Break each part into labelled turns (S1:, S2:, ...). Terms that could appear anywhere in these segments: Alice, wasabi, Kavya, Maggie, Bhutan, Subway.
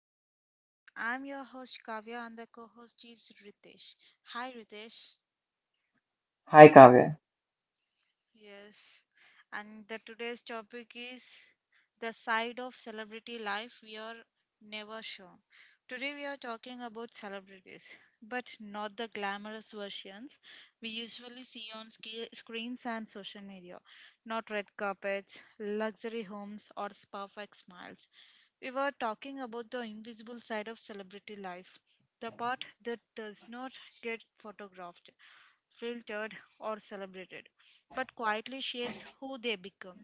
S1: to the podcast. I'm your host Kavya and the co-host is Ritesh. Hi Ritesh.
S2: Hi Kavya.
S1: Yes. And the today's topic is the side of celebrity life we are never shown. Today we are talking about celebrities, but not the glamorous versions we usually see on screens and social media. Not red carpets, luxury homes, or perfect smiles. We were talking about the invisible side of celebrity life, the part that does not get photographed, filtered, or celebrated, but quietly shapes who they become.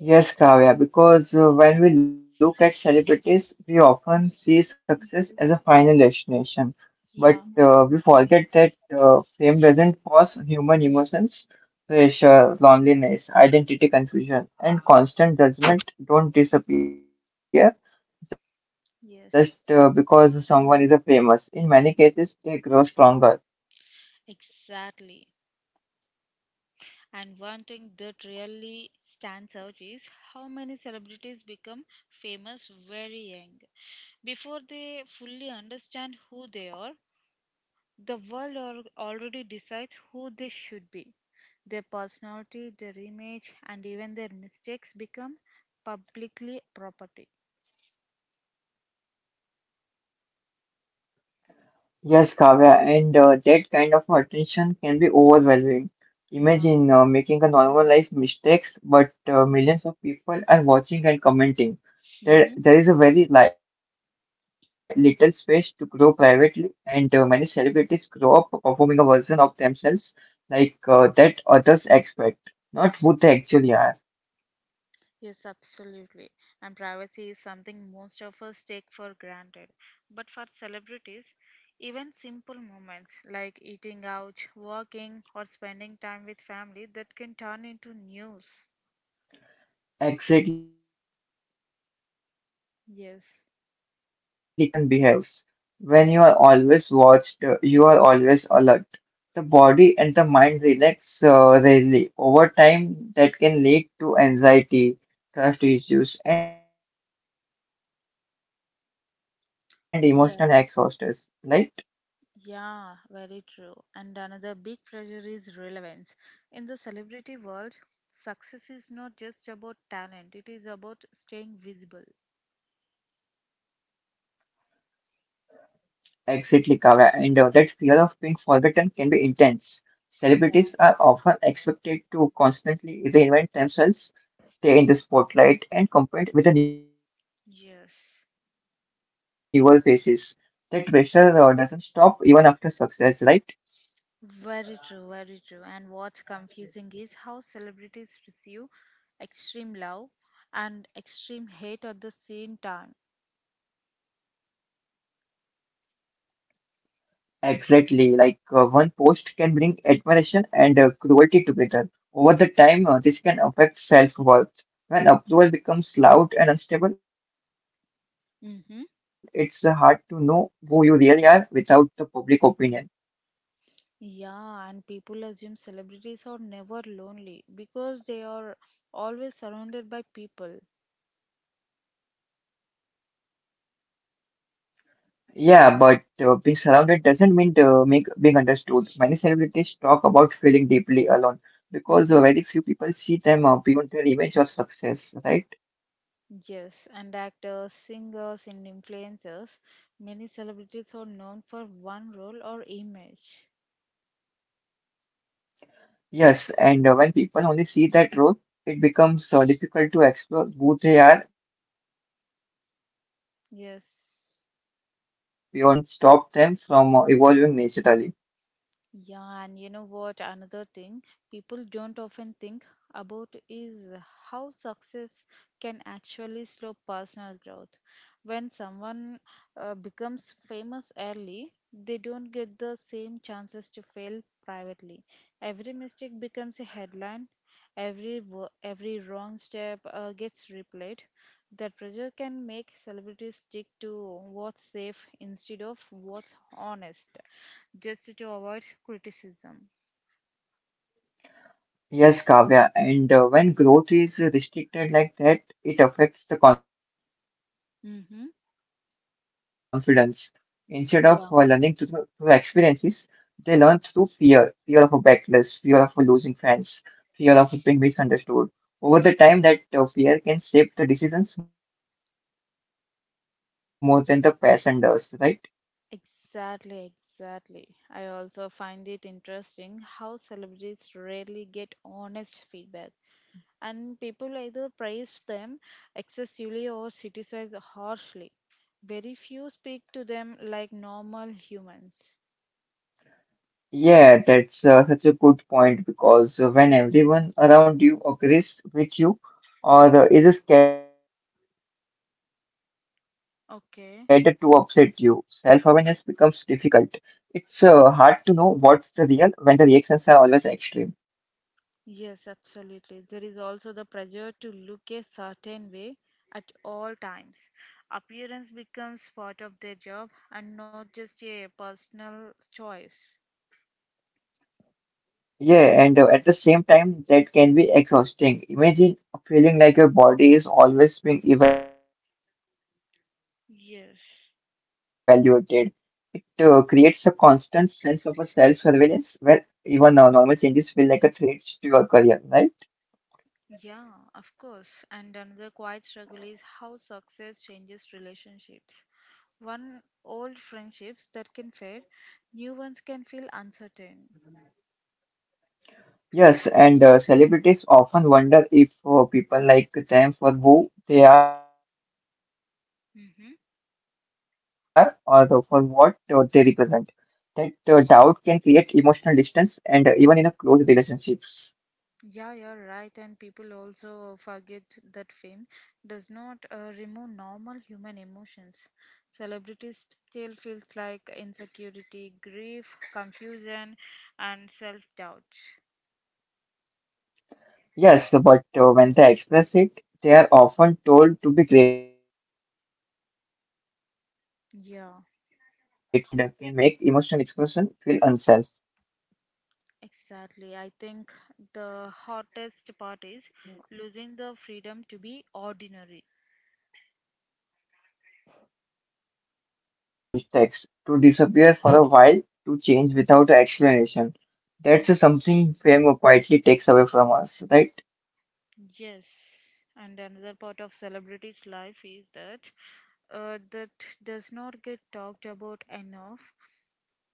S2: Yes, Kavya, because when we look at celebrities, we often see success as a final destination. But
S1: Yeah.
S2: we forget that fame doesn't cause human emotions, pressure, loneliness, identity confusion, and constant judgment don't disappear just because someone is a famous.
S1: Yes.
S2: In many cases, they grow stronger.
S1: Exactly. And one thing that really stands out is how many celebrities become famous very young before they fully understand who they are. The world already decides who they should be. Their personality, their image, and even their mistakes become publicly property.
S2: Yes, Kavya, and that kind of attention can be overwhelming. Imagine making a normal life mistakes,
S1: Yeah.
S2: but millions of people are watching and commenting. There is a very li little space to
S1: Mm-hmm.
S2: grow privately, and many celebrities grow up performing a version of themselves like that others expect, not who they actually are.
S1: Yes, absolutely. And privacy is something most of us take for granted. But for celebrities, even simple moments like eating out, walking, or spending time with family that can turn into news.
S2: Exactly, Kavya, and that constant exposure
S1: Yes.
S2: changes how a person behaves. When you are always watched, you are always alert. The body and the mind relax rarely. Over time, that can lead to anxiety, trust issues, and emotional exhaustion. Like
S1: Yes. Yeah, very true. And another big pressure is relevance. In the celebrity world, success is not just about talent, it is about staying visible.
S2: exactly, Kavya, and that fear of being forgotten can be intense. Celebrities are often expected to
S1: Yeah.
S2: constantly reinvent themselves, stay in the spotlight and compete with the newer faces. That pressure
S1: Yes.
S2: doesn't stop even after success, right?
S1: Very true, very true. And what's confusing is how celebrities receive extreme love and extreme hate at the same time.
S2: Exactly. Like one post can bring admiration and cruelty together. Over the time, this can affect self-worth. When approval becomes loud and unstable, it's hard to know who you
S1: Mm-hmm.
S2: really are without the public opinion.
S1: Yeah, and people assume celebrities are never lonely because they are always surrounded by people.
S2: Yeah, but being surrounded doesn't mean being understood. Many celebrities talk about feeling deeply alone because very few people see them beyond their image or success, right?
S1: Yes, and actors, singers, and influencers, many celebrities are known for one role or image.
S2: Yes, and when people only see that role, it becomes difficult to explore who they are beyond it. And the fear of
S1: Yes.
S2: disappointing fans can stop them from evolving naturally.
S1: Yeah, and you know what? Another thing people don't often think about is how success can actually slow personal growth. When someone becomes famous early, they don't get the same chances to fail privately. Every mistake becomes a headline. Every wrong step gets replayed. That pressure can make celebrities stick to what's safe instead of what's honest just to avoid criticism.
S2: Yes, Kavya, and when growth is restricted like that, it affects the confidence. Instead of
S1: hmm
S2: learning through experiences, they learn
S1: Yeah,
S2: through fear, fear of a backlash, fear of a losing fans, fear of being misunderstood. Over the time, that fear can shape the decisions more than the passion does, right?
S1: exactly, exactly. I also find it interesting how celebrities rarely get honest feedback, and people either praise them excessively or criticize harshly. Very few speak to them like normal humans.
S2: Yeah, that's such a good point because when everyone around you agrees with you or is scared to upset you, self-awareness becomes difficult.
S1: Okay.
S2: It's hard to know what's the real when the reactions are always extreme.
S1: Yes, absolutely. There is also the pressure to look a certain way at all times. Appearance becomes part of their job and not just a personal choice.
S2: Yeah, and at the same time, that can be exhausting. Imagine feeling like your body is always being evaluated. It creates a
S1: Yes.
S2: constant sense of a self-surveillance where even normal changes feel like a threat to your career, right?
S1: Yeah, of course. And another quiet struggle is how success changes relationships. One old friendships that can fade, new ones can feel uncertain.
S2: Yes, and celebrities often wonder if people like them for who they are or for what they
S1: Mm-hmm.
S2: represent. That doubt can create emotional distance and even in a close relationships.
S1: Yeah, you're right. And people also forget that fame does not remove normal human emotions. Celebrities still feels like insecurity, grief, confusion, and self-doubt.
S2: Yes, but when they express it, they are often told to be grateful instead. That response dismisses
S1: Yeah,
S2: their feelings and can make emotional expression feel unsafe.
S1: exactly. I think the hottest part is losing the freedom to be ordinary.
S2: Yes, and the freedom to make mistakes, to disappear for a while, to change without explanation. That's
S1: Mm.
S2: something fame quietly takes away from us, right?
S1: Yes. And another part of celebrities' life is that does not get talked about enough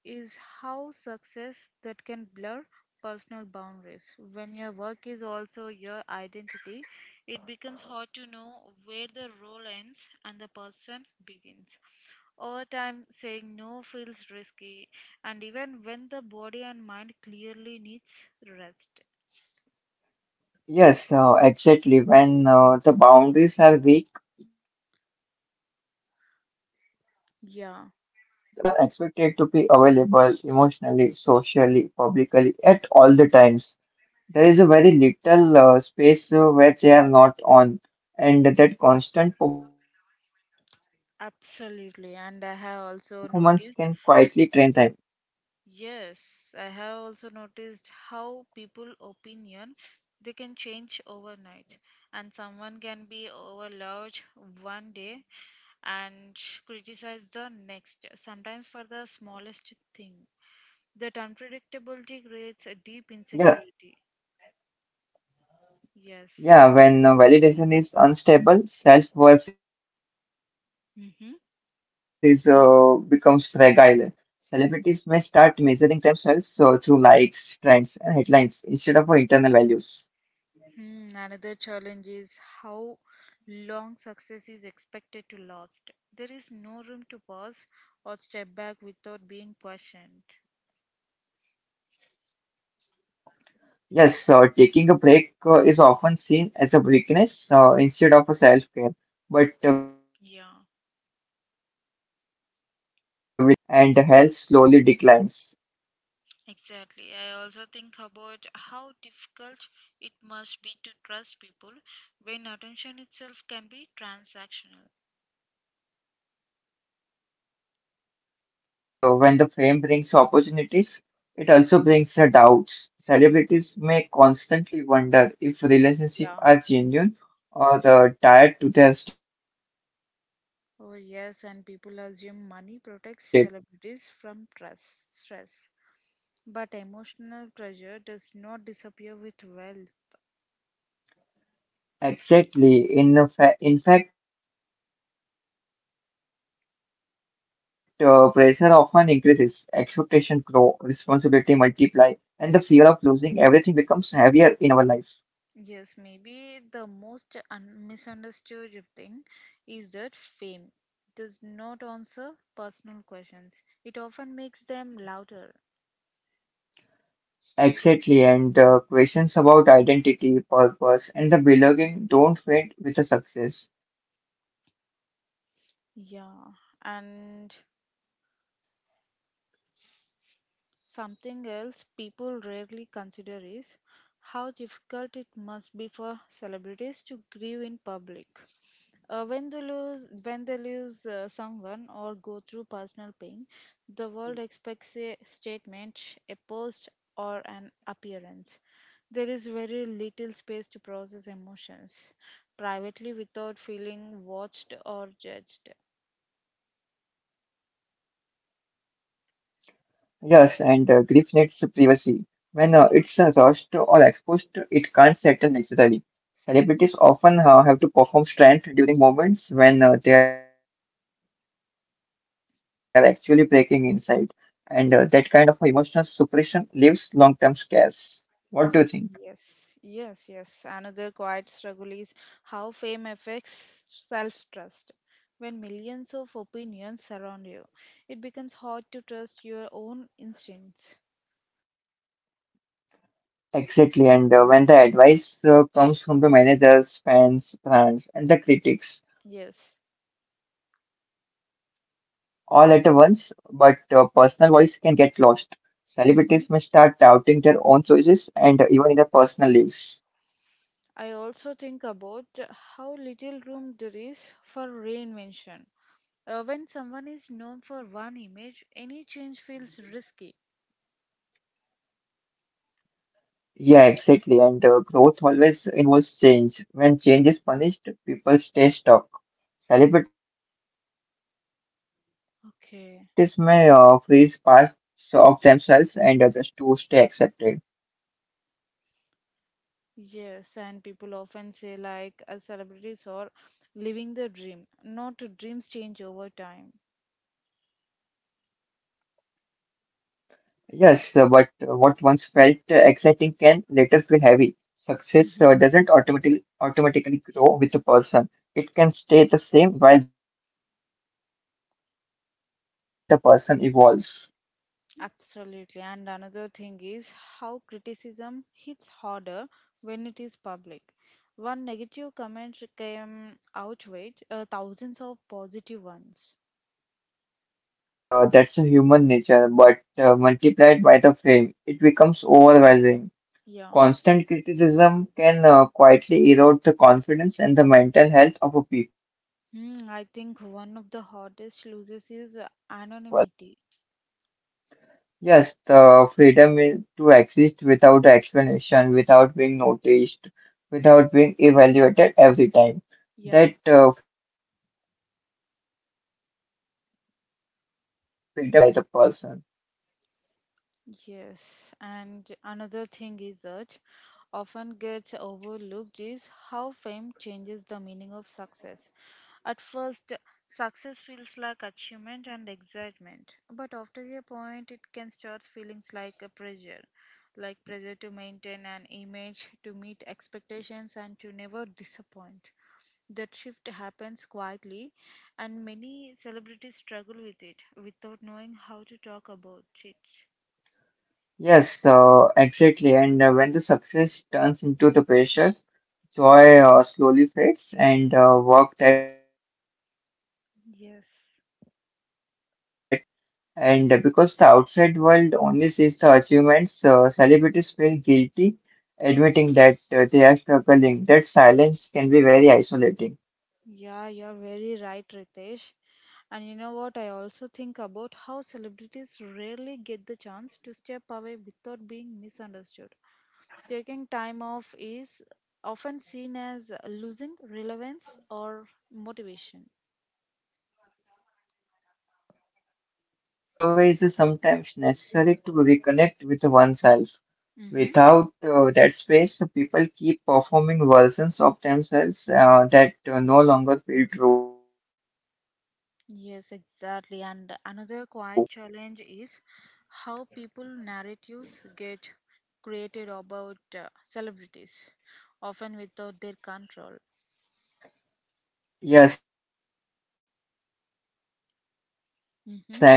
S1: is how success that can blur personal boundaries. When your work is also your identity, it becomes hard to know where the role ends and the person begins. Over time, saying no feels risky, and even when the body and mind clearly needs rest.
S2: Yes, exactly. When the boundaries are weak, burnout becomes almost inevitable.
S1: Yeah,
S2: Celebrities are expected to be available emotionally, socially, publicly at all the times. There is a very little space where they are not on, and that constant performance can quietly drain them.
S1: absolutely. And I have also noticed Yes, I have also noticed how people opinion they can change overnight and someone can be overloved one day and criticize the next, sometimes for the smallest thing. That unpredictability
S2: Yes.
S1: creates a deep insecurity.
S2: Yeah,
S1: Yes.
S2: when validation is unstable, self-worth is becomes
S1: Hmm.
S2: fragile. Celebrities may start measuring themselves through likes, trends, and headlines instead of internal values.
S1: Hmm, another challenge is how long success is expected to last. There is no room to pause or step back without being questioned.
S2: Yes, taking a break is often seen as a weakness instead of a self-care. But without the breaks,
S1: Yeah,
S2: creativity fades and the passion dulls and the health slowly declines.
S1: exactly. I also think about how difficult it must be to trust people when attention itself can be transactional.
S2: Yeah, that's true because when the fame brings opportunities, it also brings doubts. Celebrities may constantly wonder if relationships
S1: Yeah.
S2: are genuine or tied to their status.
S1: Oh, yes, and people assume money protects celebrities from trust, stress. But emotional pressure does not disappear with wealth.
S2: Exactly. In fact, pressure often increases, expectations grow, responsibility multiply, and the fear of losing everything becomes heavier in our life.
S1: Yes, maybe the most misunderstood thing is that fame does not answer personal questions. It often makes them louder.
S2: Exactly, and questions about identity, purpose, and the belonging don't fade with the success. They just happen under the brighter
S1: Yeah,
S2: lights.
S1: and something else people rarely consider is how difficult it must be for celebrities to grieve in public. When they lose, someone or go through personal pain, the world expects a statement, a post, or an appearance. There is very little space to process emotions privately without feeling watched or judged.
S2: Yes, and grief needs privacy. When it's lost or exposed, it
S1: Yeah.
S2: can't settle naturally. Celebrities often have to
S1: Mhm.
S2: perform strength during moments when they are actually breaking inside, and that kind of emotional suppression leaves long-term
S1: Yes.
S2: scars. What do you think?
S1: Yes, yes, yes. Another quiet struggle is how fame affects self trust. When millions of opinions surround you, it becomes hard to trust your own instincts.
S2: Exactly, and when the advice comes from the managers, fans, brands, and the critics all at
S1: Yes.
S2: once, but personal voice can get lost. Celebrities may start doubting their own choices
S1: Mm-hmm.
S2: and even in their personal lives.
S1: I also think about how little room there is for reinvention. When someone is known for one image, any change feels risky.
S2: Yeah, exactly, and growth always involves change. When change is punished, people stay stuck. Celebrities may freeze parts of themselves and
S1: Okay.
S2: just to stay accepted.
S1: Yes, and people often say like celebrities are living the dream. Not dreams change over time.
S2: Yes, but what once felt exciting can later feel heavy. Success doesn't automatically
S1: hmm
S2: automatically grow with a person. It can stay the same while the person evolves.
S1: Absolutely. And another thing is how criticism hits harder when it is public. One negative comment can outweigh thousands of positive ones.
S2: Yes, that's a human nature, but multiplied by the fame, it becomes overwhelming.
S1: Yeah.
S2: Constant criticism can quietly erode the confidence and the mental health of a people.
S1: Hmm, I think one of the hardest losses is anonymity.
S2: Yes, the freedom to exist without explanation, without being noticed, without being evaluated every time.
S1: Yeah.
S2: That freedom disappears quietly, but its absence is deeply felt by the person.
S1: Yes, and another thing is that often gets overlooked is how fame changes the meaning of success. At first, success feels like achievement and excitement, but after a point, it can start feeling like a pressure, like pressure to maintain an image, to meet expectations, and to never disappoint. That shift happens quietly, and many celebrities struggle with it without knowing how to talk about it.
S2: Yes, exactly. And when the success turns into the pressure, joy slowly fades, and work that once felt like a
S1: Yes.
S2: meaningful starts feeling heavy. And because the outside world only sees the achievements, celebrities feel guilty admitting that they are struggling. That silence can be very isolating.
S1: Yeah, you're very right, Ritesh. And you know what? I also think about how celebrities rarely get the chance to step away without being misunderstood. Taking time off is often seen as losing relevance or motivation.
S2: That's a true, Kavya, but stepping away is sometimes necessary to reconnect with oneself.
S1: Mm-hmm.
S2: Without that space, people keep performing versions of themselves that no longer feel true, right?
S1: Yes, exactly. And another quiet challenge is how people narratives get created about celebrities, often without their control.
S2: Yes, and once a narrative exists, it's hard to
S1: Mm-hmm.
S2: escape.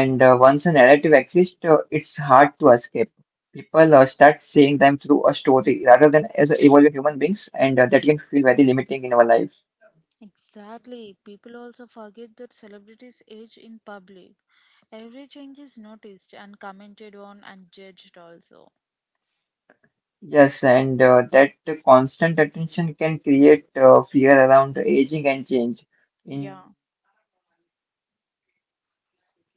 S2: People start seeing them through a story rather than as evolving human beings, and that can feel very limiting in our life.
S1: Exactly. People also forget that celebrities age in public. Every change is noticed and commented on and judged also.
S2: Yes, and that constant attention can create fear around aging and change.
S1: Yeah.
S2: Instead of embracing life stages naturally,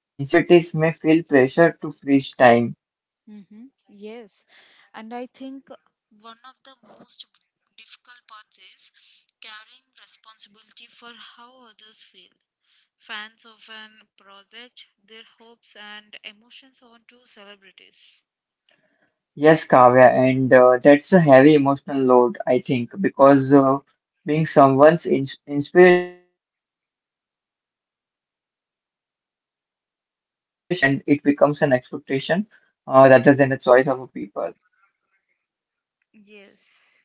S2: celebrities may feel pressure to freeze time.
S1: Mm-hmm. Yes. And I think one of the most difficult parts is carrying responsibility for how others feel. Fans often project their hopes and emotions onto celebrities.
S2: Yes, Kavya, and that's a heavy emotional load, I think, because being someone's in inspiration is meaningful, but it can also feel overwhelming when it becomes an expectation rather than a choice of a people.
S1: Yes.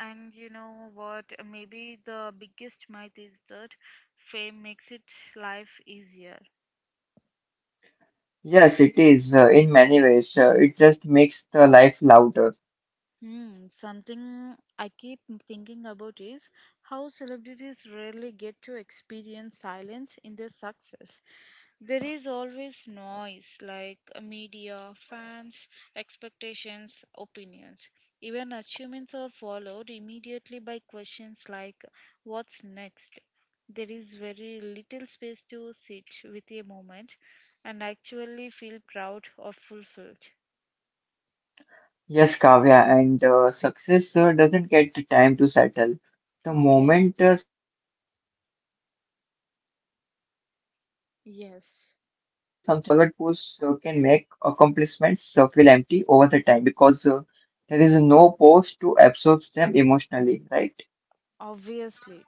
S1: And you know what? Maybe the biggest myth is that fame makes it life easier.
S2: Yes, it is in many ways. It just makes the life louder.
S1: Hmm, something I keep thinking about is how celebrities rarely get to experience silence in their success. There is always noise like media, fans, expectations, opinions. Even achievements are followed immediately by questions like what's next. There is very little space to sit with a moment and actually feel proud or fulfilled.
S2: Yes, Kavya, and success doesn't get the time to settle. The
S1: Okay.
S2: moment something is achieved, the world moves on. That constant
S1: Yes,
S2: forward push can make accomplishments feel empty over the time because there is no post to absorb them emotionally, right?
S1: obviously.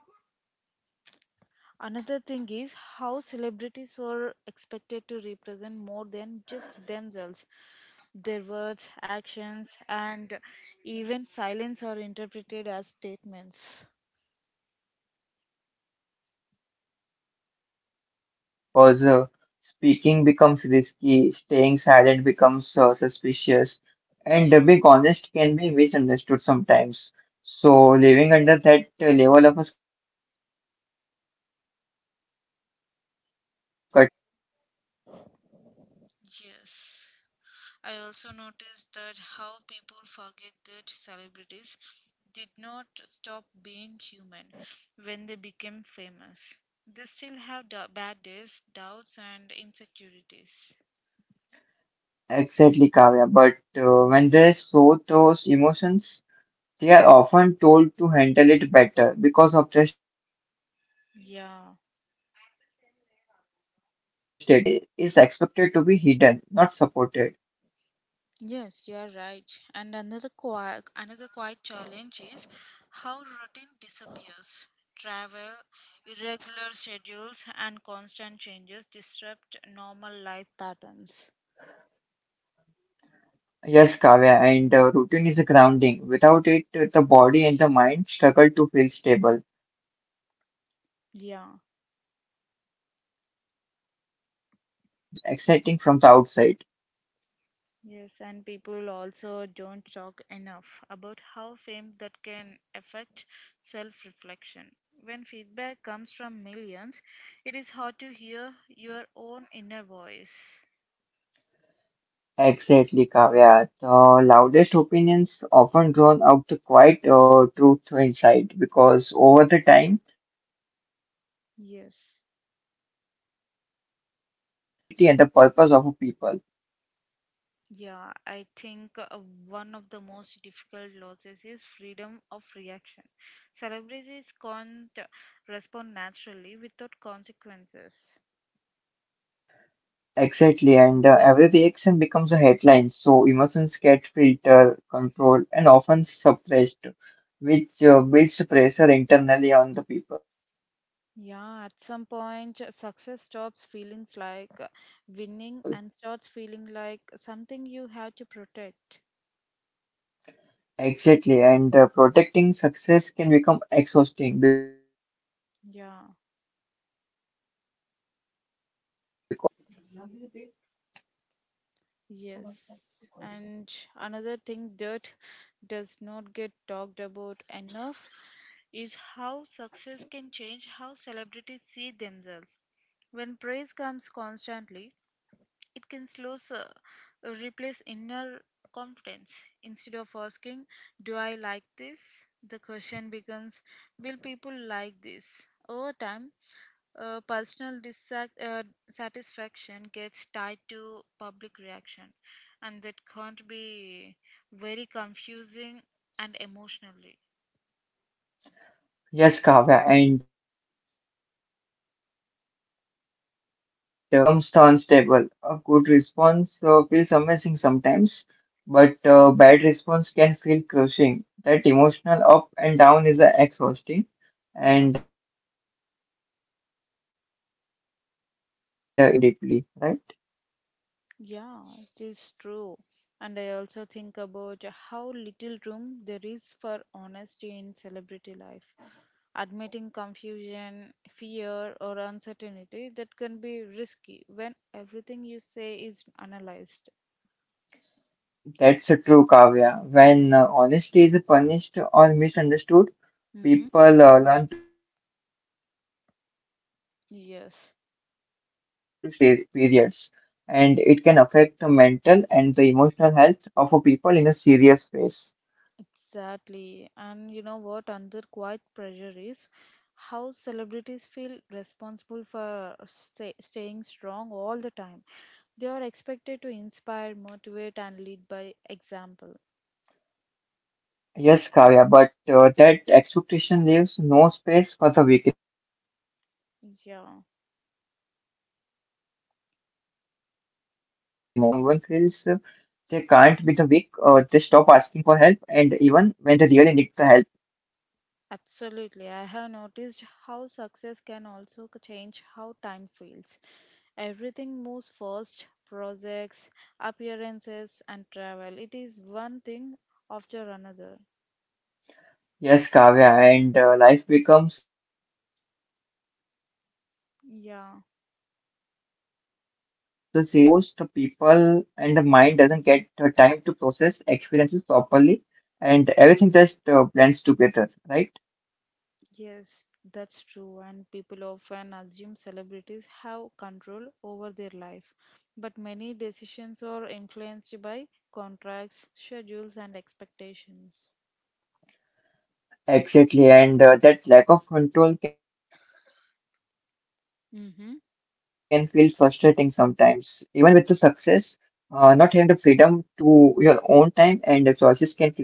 S1: Another thing is how celebrities were expected to represent more than just themselves. Their words, actions, and even silence are interpreted as statements.
S2: Yeah, and that's a heavy responsibility, I think, because speaking becomes risky, staying silent becomes suspicious,
S1: Yeah,
S2: and being honest can be misunderstood sometimes. So, living under that level of a scrutiny can make self-expression feel unsafe.
S1: yes. I also noticed that how people forget that celebrities did not stop being human when they became famous. They still have bad days, doubts, and insecurities.
S2: Exactly, Kavya. But when they show those emotions, they are often told to handle it better because of their status. That
S1: Yeah.
S2: creates a gap where vulnerability is expected to be hidden, not supported.
S1: Yes, you are right. And another quiet challenge is how routine disappears. Travel, irregular schedules, and constant changes disrupt normal life patterns.
S2: Yes, Kavya, and routine is grounding. Without it, the body and the mind struggle to feel stable. That
S1: Yeah,
S2: instability adds stress even when the life looks exciting from the outside.
S1: yes, and people also don't talk enough about how fame that can affect self reflection. When feedback comes from millions, it is hard to hear your own inner voice.
S2: Exactly, Kavya. The loudest opinions often drown out the quiet truth or insight because over the time, that disconnection can
S1: Yes.
S2: lead to confusion about the identity and the purpose of a people.
S1: Yeah, I think one of the most difficult losses is freedom of reaction. Celebrities can't respond naturally without consequences.
S2: Exactly, and every reaction becomes a headline, so emotions get filtered, controlled, and often suppressed, which builds pressure internally on the people.
S1: Yeah, at some point, success stops feeling like winning and starts feeling like something you have to protect.
S2: Exactly, and protecting success can become exhausting because it requires a
S1: Yeah.
S2: constant vigilance.
S1: Yes. And another thing that does not get talked about enough is how success can change how celebrities see themselves. When praise comes constantly, it can slow replace inner confidence. Instead of asking, "Do I like this?" the question becomes, "Will people like this?" Over time, personal satisfaction gets tied to public reaction, and that can't be very confusing and emotionally.
S2: Yes, Kavya, and when the self-worth depends on the outside approval, it becomes unstable. A good response feels amazing sometimes, but bad response can feel crushing. That emotional up and down is exhausting,
S1: Yeah,
S2: and it can make even confident people start doubting themselves deeply, right?
S1: yeah, it is true. And I also think about how little room there is for honesty in celebrity life. Admitting confusion, fear, or uncertainty that can be risky when everything you say is analyzed.
S2: That's true, Kavya. When honesty is punished or misunderstood,
S1: Mm-hmm.
S2: people learn to stay quiet and holding everything inside,
S1: Yes.
S2: especially for long periods. And it can affect the mental and the emotional health of a people in a serious ways.
S1: Exactly. And you know what another quiet pressure is? How celebrities feel responsible for staying strong all the time. They are expected to inspire, motivate, and lead by example.
S2: Yes, Kavya, but that expectation leaves no space for the weakness. And weakness is a
S1: Yeah,
S2: part of being a human. When someone feels they can't be the weak, they stop asking for help, and even when they really need the help.
S1: absolutely. I have noticed how success can also change how time feels. Everything moves fast, projects, appearances, and travel. It is one thing after another.
S2: Yes, Kavya, and life becomes a series of transition without the pause.
S1: Yeah.
S2: And without pause, the people and the mind doesn't get time to process experiences properly, and everything just blends together, right?
S1: Yes, that's true, and people often assume celebrities have control over their life. But many decisions are influenced by contracts, schedules, and expectations.
S2: Exactly, and that lack of control can feel frustrating sometimes. Even with the
S1: Mm-hmm.
S2: success, not having the freedom to your own time and the choices can create a sense of being trapped.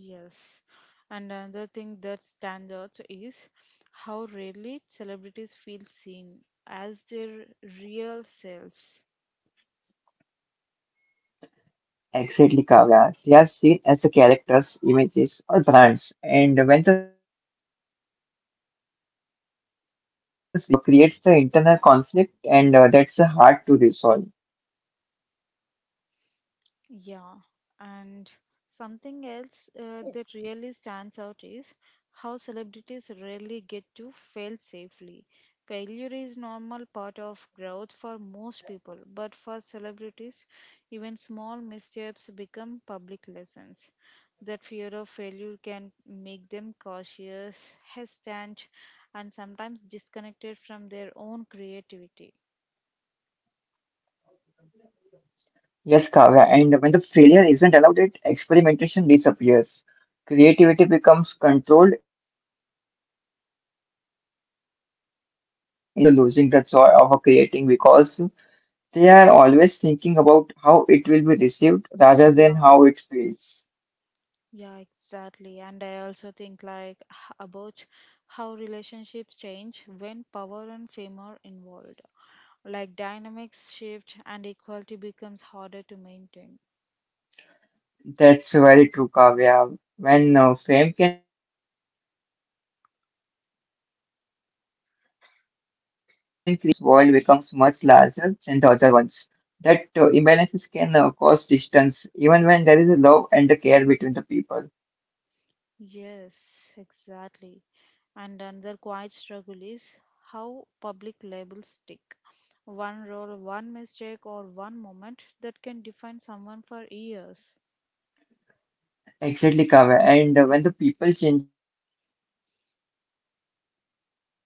S1: Yes, and another thing that stands out is how rarely celebrities feel seen as their real selves.
S2: Exactly, Kavya. They are seen as the characters, images, or brands, and when the real person doesn't match the image, it creates it creates the internal conflict, and that's hard to resolve.
S1: Yeah, and something else that really stands out is how celebrities rarely get to fail safely. Failure is normal part of growth for most people, but for celebrities, even small missteps become public lessons. That fear of failure can make them cautious, hesitant, and sometimes disconnected from their own creativity.
S2: Yes, Kavya, and when the failure isn't allowed, it experimentation disappears. Creativity becomes controlled instead of expressive, and many celebrities talk about losing the joy of creating because they are always thinking about how it will be received rather
S1: Yeah.
S2: than how it feels.
S1: Yeah, exactly. And I also think like about how relationships change when power and fame are involved. Like dynamics shift and equality becomes harder to maintain.
S2: That's very true, Kavya. When fame can create the imbalance in the relationships, where one person's world becomes much larger than the other one's. That imbalances can cause distance even when there is a love and the care between the people.
S1: Yes, exactly. And another quiet struggle is how public labels stick. One role, one mistake, or one moment that can define someone for years.
S2: Exactly, Kavya. And when the people changes but the labels don't always update,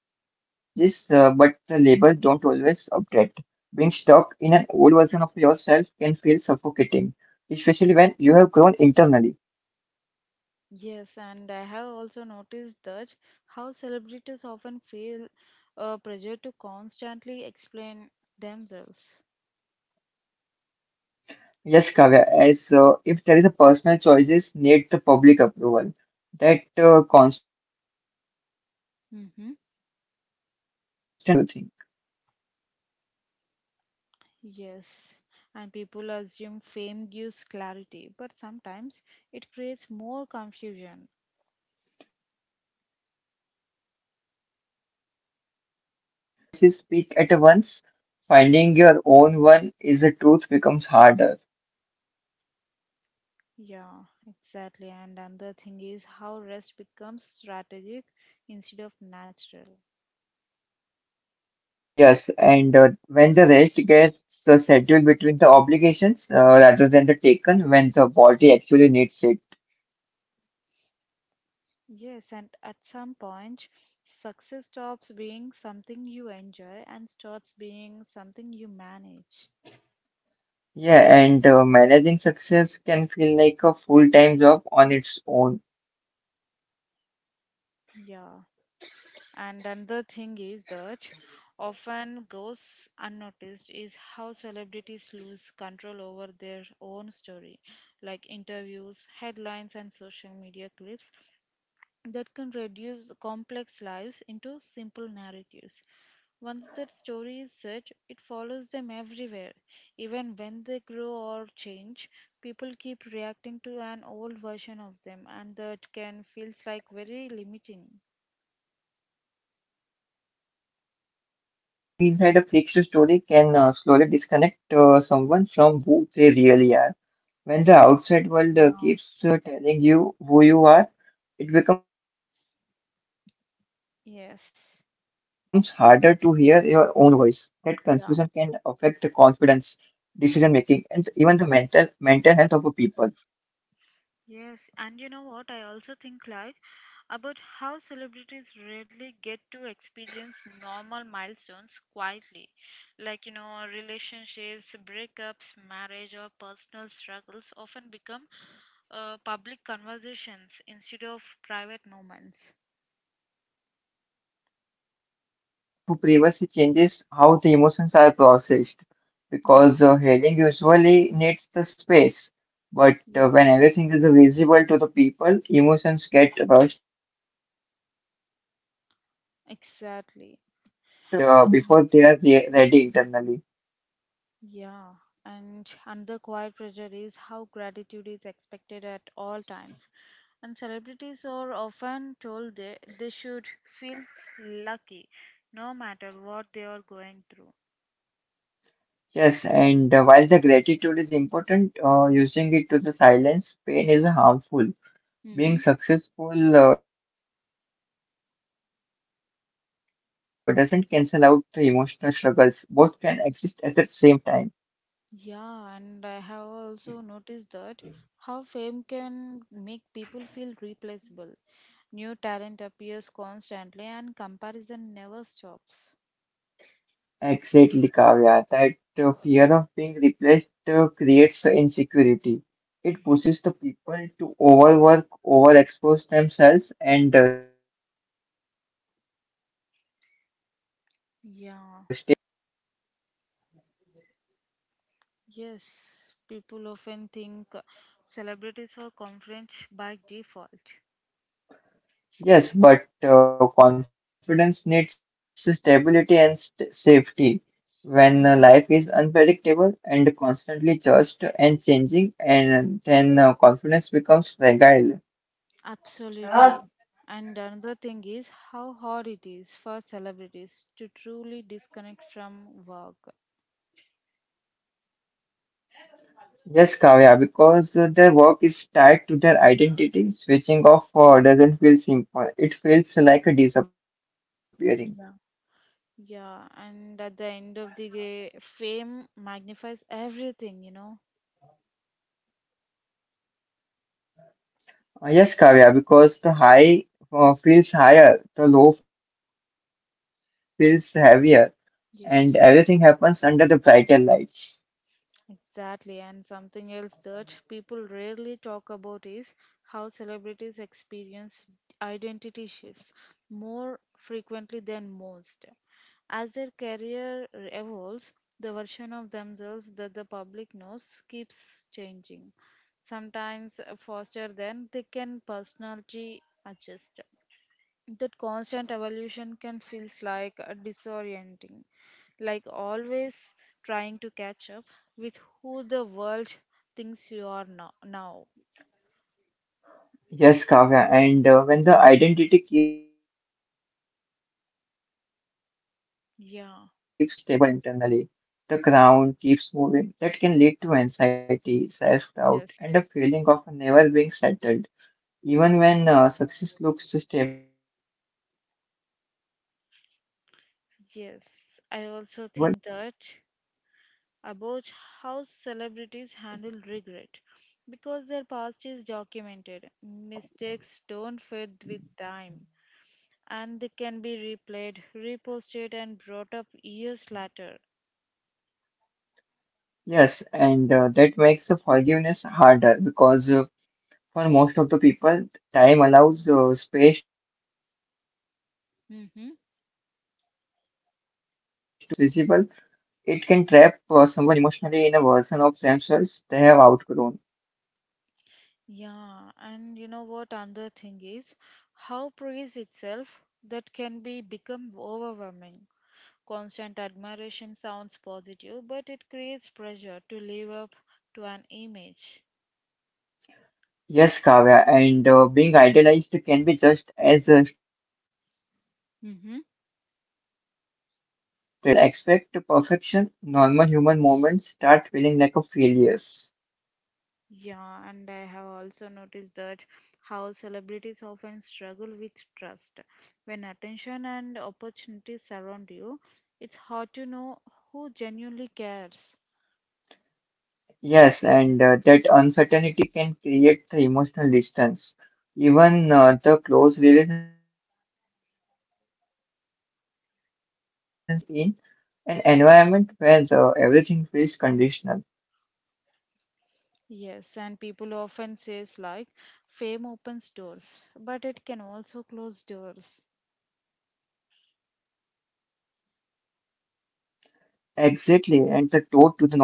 S2: being stuck in an old version of yourself can feel suffocating, especially when you have grown internally.
S1: Yes, and I have also noticed that how celebrities often feel pressure to constantly explain themselves.
S2: Yes, Kavya, as if there is a personal choices need the public approval. That constant explanation can be draining and
S1: Mm-hmm.
S2: invasive sometimes. What do you think?
S1: Yes, and people assume fame gives clarity, but sometimes it creates more confusion.
S2: Yes, it creates more confusion because when many voices speak at once, finding your own one is the truth becomes harder.
S1: Yeah, exactly. And another thing is how rest becomes strategic instead of natural.
S2: Yes, and when the rest gets scheduled between the obligations rather than the taken when the body actually needs it.
S1: Yes, and at some point, success stops being something you enjoy and starts being something you manage.
S2: Yeah, and managing success can feel like a full-time job on its own.
S1: Yeah. And another thing is that often goes unnoticed is how celebrities lose control over their own story, like interviews, headlines, and social media clips. That can reduce complex lives into simple narratives. Once that story is set, it follows them everywhere. Even when they grow or change, people keep reacting to an old version of them, and that can feels like very limiting.
S2: Yes, Kavya, and living inside a fiction story can slowly disconnect someone from who they really are. When the outside world
S1: Yeah.
S2: keeps telling you who you are, it becomes harder to hear your own voice. That
S1: Yes.
S2: confusion can affect the confidence, decision making,
S1: Yeah.
S2: and even the mental health of a people.
S1: Yes, and you know what? I also think like about how celebrities rarely get to experience normal milestones quietly, like relationships, breakups, marriage, or personal struggles often become public conversations instead of private moments.
S2: Yes, and that lack of privacy changes how the emotions are processed
S1: Yeah,
S2: because healing usually needs the space. But when
S1: yes,
S2: everything is visible to the people, emotions get rushed or suppressed. People move on publicly,
S1: exactly.
S2: but before they
S1: And
S2: are ready internally.
S1: yeah, and another quiet pressure is how gratitude is expected at all times. And celebrities are often told they should feel lucky no matter what they are going through.
S2: Yes, and while the gratitude is important, using it to the silence pain is harmful. Being
S1: Mm-hmm.
S2: successful doesn't cancel out the emotional struggles. Both can exist at the same time.
S1: Yeah, and I have also noticed that how fame can make people feel replaceable. New talent appears constantly and comparison never stops.
S2: Exactly, Kavya. That fear of being replaced creates insecurity. It
S1: Mm-hmm.
S2: pushes the people to overwork, overexpose themselves, and stay visible even when they are exhausted.
S1: Yeah, yes, people often think celebrities are conference by default.
S2: Yes, but confidence needs stability and safety. When life is
S1: Hmm.
S2: unpredictable and constantly judged and changing, and then confidence becomes fragile. Ah,
S1: Absolutely. And another thing is how hard it is for celebrities to truly disconnect from work.
S2: Yes, Kavya, because their work is tied to their identity, switching off doesn't feel simple. It feels like a disappearing.
S1: Yeah. Yeah, and at the end of the day, fame magnifies everything.
S2: Yes, Kavya, because the high feels higher, the low feels heavier, and everything happens under the brighter
S1: Yes.
S2: lights.
S1: Exactly, and something else that people rarely talk about is how celebrities experience identity shifts more frequently than most. As their career evolves, the version of themselves that the public knows keeps changing, sometimes faster than they can personality adjust. That constant evolution can feels like a disorienting, like always trying to catch up with who the world thinks you are now.
S2: Yes, Kavya, and when the identity keeps shifting externally, it becomes hard to build
S1: Yeah.
S2: something stable internally. The ground keeps moving. That can lead to anxiety, self-doubt,
S1: Yes.
S2: and a feeling of never being settled, even when success looks stable from the outside.
S1: Yes, I also think that about how celebrities handle regret, because their past is documented. Mistakes don't fade with time, and they can be replayed, reposted, and brought up years later.
S2: Yes, and that makes the forgiveness harder because for most of the people, time allows space to grow and beyond
S1: Mhm.
S2: mistakes. But when the past is always visible, it can trap someone emotionally in a version of themselves they have outgrown.
S1: Yeah, and you know what another thing is, how praise itself that can be become overwhelming. Constant admiration sounds positive, but it creates pressure to live up to an image.
S2: Yes, Kavya, and being idolized can be just as stressful as being
S1: Mm-hmm.
S2: criticized because when people expect perfection, normal human moments start feeling like a failures.
S1: Yeah, and I have also noticed that how celebrities often struggle with trust. When attention and opportunities surround you, it's hard to know who genuinely cares.
S2: Yes, and that uncertainty can create the emotional distance. Even the close relationships can feel guarded because trust doesn't come easily in an environment where the, everything feels conditional.
S1: Yes, and people often says like fame opens doors, but it can also close doors.
S2: Exactly, and the door to the normal life, normal mistakes, and the normal privacy.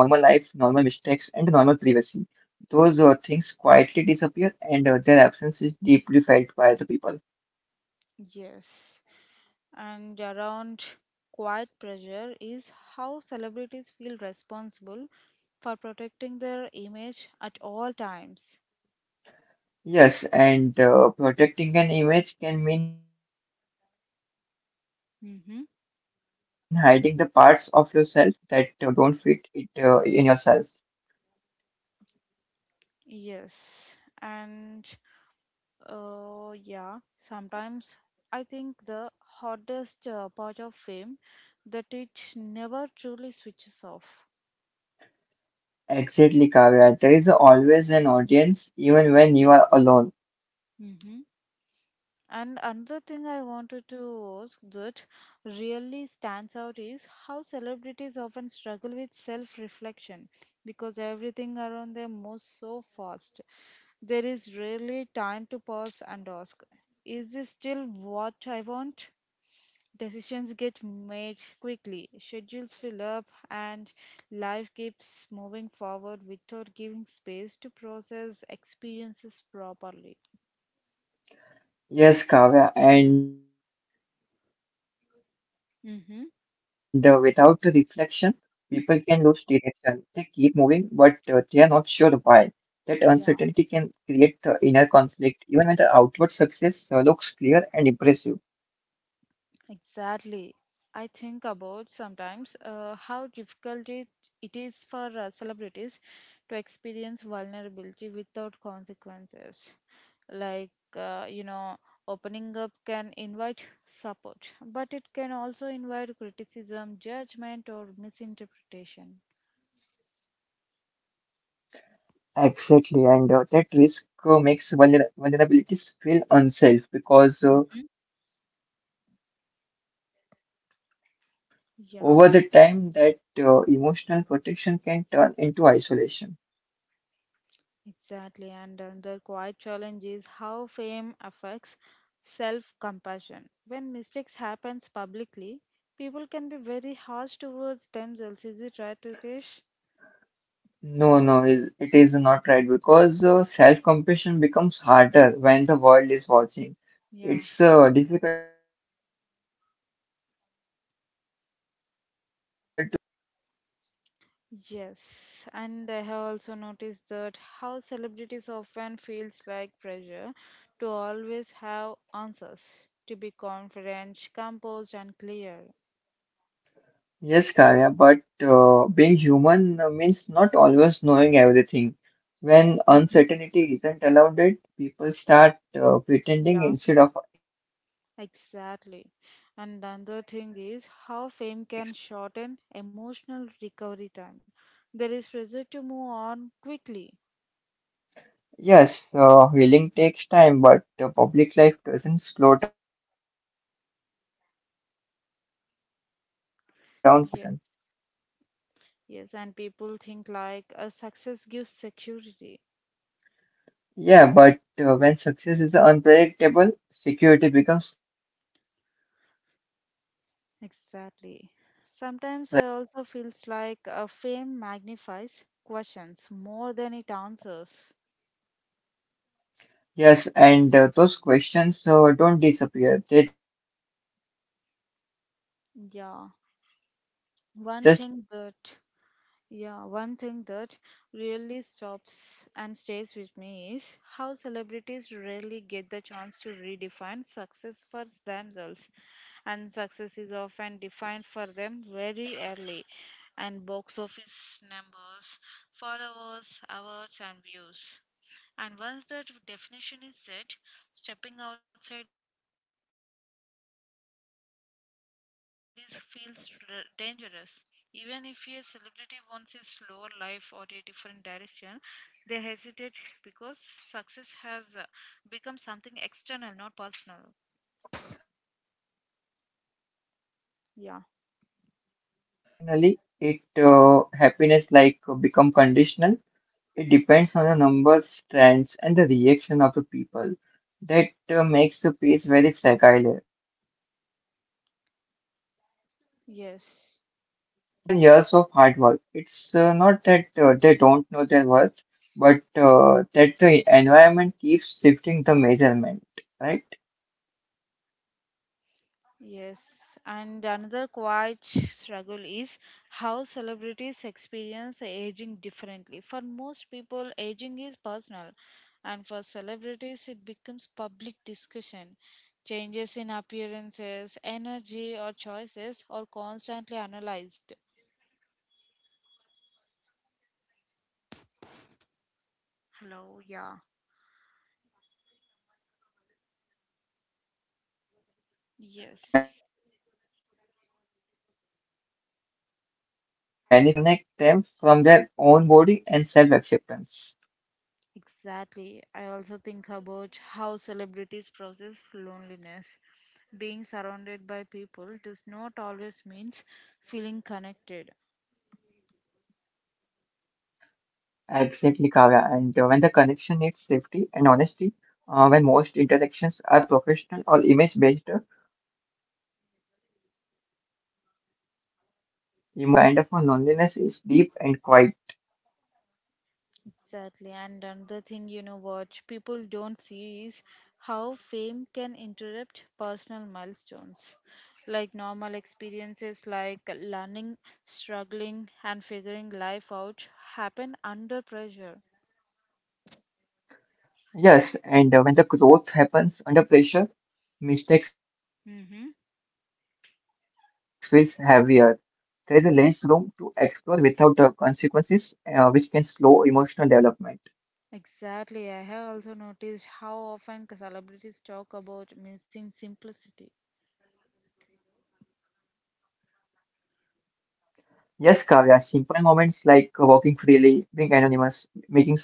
S2: Those things quietly disappear, and their absence is deeply felt by the people.
S1: Yes. And around quiet pressure is how celebrities feel responsible for protecting their image at all times.
S2: Yes, and protecting an image can mean hiding the parts of yourself that don't
S1: Mm-hmm.
S2: fit it in yourself.
S1: Yes. And yeah, sometimes I think the hardest part of fame that it never truly switches off.
S2: Exactly, Kavya. There is always an audience, even when you are alone.
S1: Mm-hmm. And another thing I wanted to ask that really stands out is how celebrities often struggle with self reflection because everything around them moves so fast. There is rarely time to pause and ask, is this still what I want? Decisions get made quickly, schedules fill up, and life keeps moving forward without giving space to process experiences properly.
S2: Yes, Kavya. And without the reflection, people can lose
S1: Mm-hmm.
S2: direction. They keep moving, but they are not sure why. That uncertainty can create the inner conflict, even when the outward success looks clear and impressive.
S1: Exactly. I think about sometimes how difficult it is for celebrities to experience vulnerability without consequences. Like, you know, opening up can invite support, but it can also invite criticism, judgment, or misinterpretation.
S2: Exactly, and that risk makes vulnerabilities feel unsafe because instead of sharing honestly, many choose to stay guarded.
S1: Yeah.
S2: Over the time, that emotional protection can turn into isolation.
S1: Exactly, and another quiet challenge is how fame affects self compassion. When mistakes happens publicly, people can be very harsh towards themselves. Is it right, Ritesh?
S2: No, no, it is not right because self-compassion becomes harder when the world is watching.
S1: Yeah.
S2: It's difficult to be kind to yourself when others aren't. Exactly.
S1: Yes, and I have also noticed that how celebrities often feels like pressure to always have answers, to be confident, composed, and clear.
S2: Yes, Kaya, but being human means not always knowing everything. When uncertainty isn't allowed, it people start pretending
S1: Yeah.
S2: instead of exploring.
S1: Exactly. And the other thing is how fame can shorten emotional recovery time. There is pressure to move on quickly.
S2: Yes, healing takes time, but public life doesn't slow down for healing. That mismatch can create the emotional exhaustion.
S1: Yes. Yes. And people think like a success gives security.
S2: Yeah, but when success is unpredictable, security becomes fragile. What do you think?
S1: Exactly. Sometimes I also feels like a fame magnifies questions more than it answers.
S2: Yes, and those questions don't disappear. They just get louder and louder every time.
S1: Yeah. One thing that Yeah, one thing that really stops and stays with me is how celebrities rarely get the chance to redefine success for themselves. And success is often defined for them very early. And box office numbers, followers, awards, and views. And once that definition is set, stepping outside is feels dangerous. Even if a celebrity wants a slower life or a different direction, they hesitate because success has become something external, not personal.
S2: Exactly, Kavya. And
S1: Yeah,
S2: when the success is defined externally, it happiness like become conditional. It depends on the numbers, trends, and the reaction of the people. That makes the phase very fragile. One bad phase can make someone question everything,
S1: yes.
S2: even years of hard work. It's not that they don't know their worth, but that the environment keeps shifting the measurement, right?
S1: Yes, and another quiet struggle is how celebrities experience aging differently. For most people, aging is personal, and for celebrities, it becomes public discussion. Changes in appearances, energy, or choices are constantly analyzed.
S2: Exactly, and that public aging creates the pressure
S1: Hello, yeah.
S2: to resist the time instead of accepting it. Instead of growing naturally, many
S1: Yes.
S2: feel forced to maintain a certain image that can disconnect them from their own body and self acceptance.
S1: Exactly. I also think about how celebrities process loneliness. Being surrounded by people does not always means feeling connected.
S2: Exactly, Kavya. And when the connection needs safety and honesty, when most interactions are professional or image based, emotional closeness becomes rare in the life. That kind of a loneliness is deep and quiet.
S1: Exactly. And another thing, you know what people don't see is how fame can interrupt personal milestones. Like normal experiences like learning, struggling and figuring life out happen under pressure.
S2: Yes, and when the growth happens under pressure, mistakes feels heavier. There is a less room to explore without consequences, which can slow emotional development.
S1: Exactly. I have also noticed how often celebrities talk about missing simplicity.
S2: Yes, Kavya, simple moments like walking freely, being anonymous, making small choices without explanation.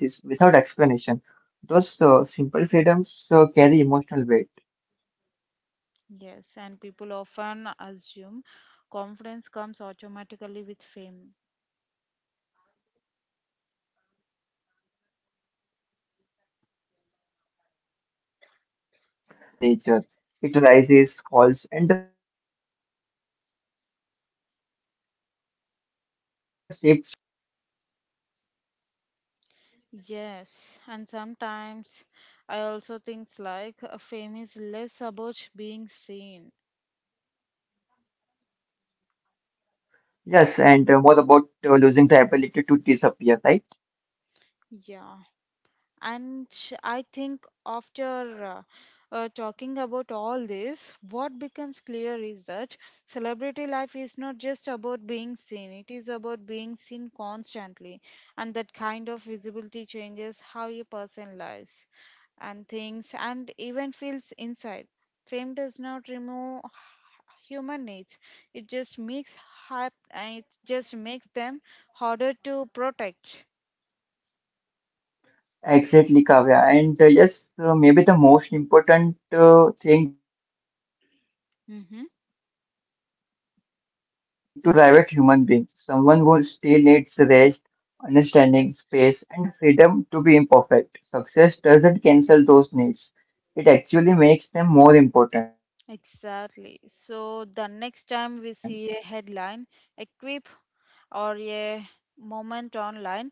S2: Those simple freedoms carry emotional weight.
S1: Yes, and people often assume confidence comes automatically with fame.
S2: Yes, but confidence needs stability, and fame is unstable by the nature. It rises, falls, and shifts quickly.
S1: Yes, and sometimes I also think like fame is less about being seen.
S2: Yes, and more about losing the ability to disappear, right?
S1: Yeah. And I think after talking about all this, what becomes clear is that celebrity life is not just about being seen, it is about being seen constantly. And that kind of visibility changes how a person lives and things and even feels inside. Fame does not remove human needs, it just makes it just makes them harder to protect.
S2: Exactly, Kavya. And yes, maybe the most important thing to remember is that behind
S1: Mm-hmm.
S2: every public image, it is a private human being, someone who still needs rest, understanding,
S1: Yes.
S2: space, and freedom to be imperfect. Success doesn't cancel those needs, it actually makes them more important.
S1: Exactly. So the next time we see a headline, a quip, or a moment online,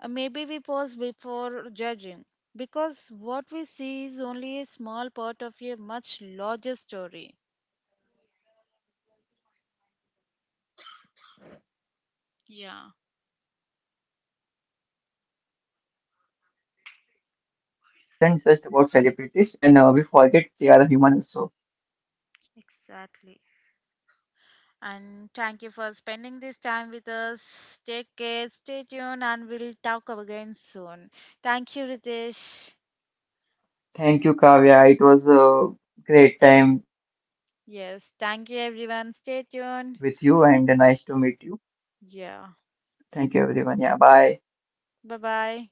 S1: maybe we pause before judging because what we see is only a small part of a much larger story.
S2: Yes, and maybe this conversation isn't just about celebrities,
S1: Yeah.
S2: it's also about how we treat people when we forget they are human also.
S1: Exactly. And thank you for spending this time with us. Take care, stay tuned, and we'll talk again soon. Thank you, Ritesh.
S2: Thank you, Kavya. It was a great time with you and nice
S1: Yes,
S2: to
S1: thank
S2: meet
S1: you,
S2: you.
S1: everyone. Stay tuned.
S2: Thank you, everyone. Yeah, bye.
S1: Yeah, bye bye.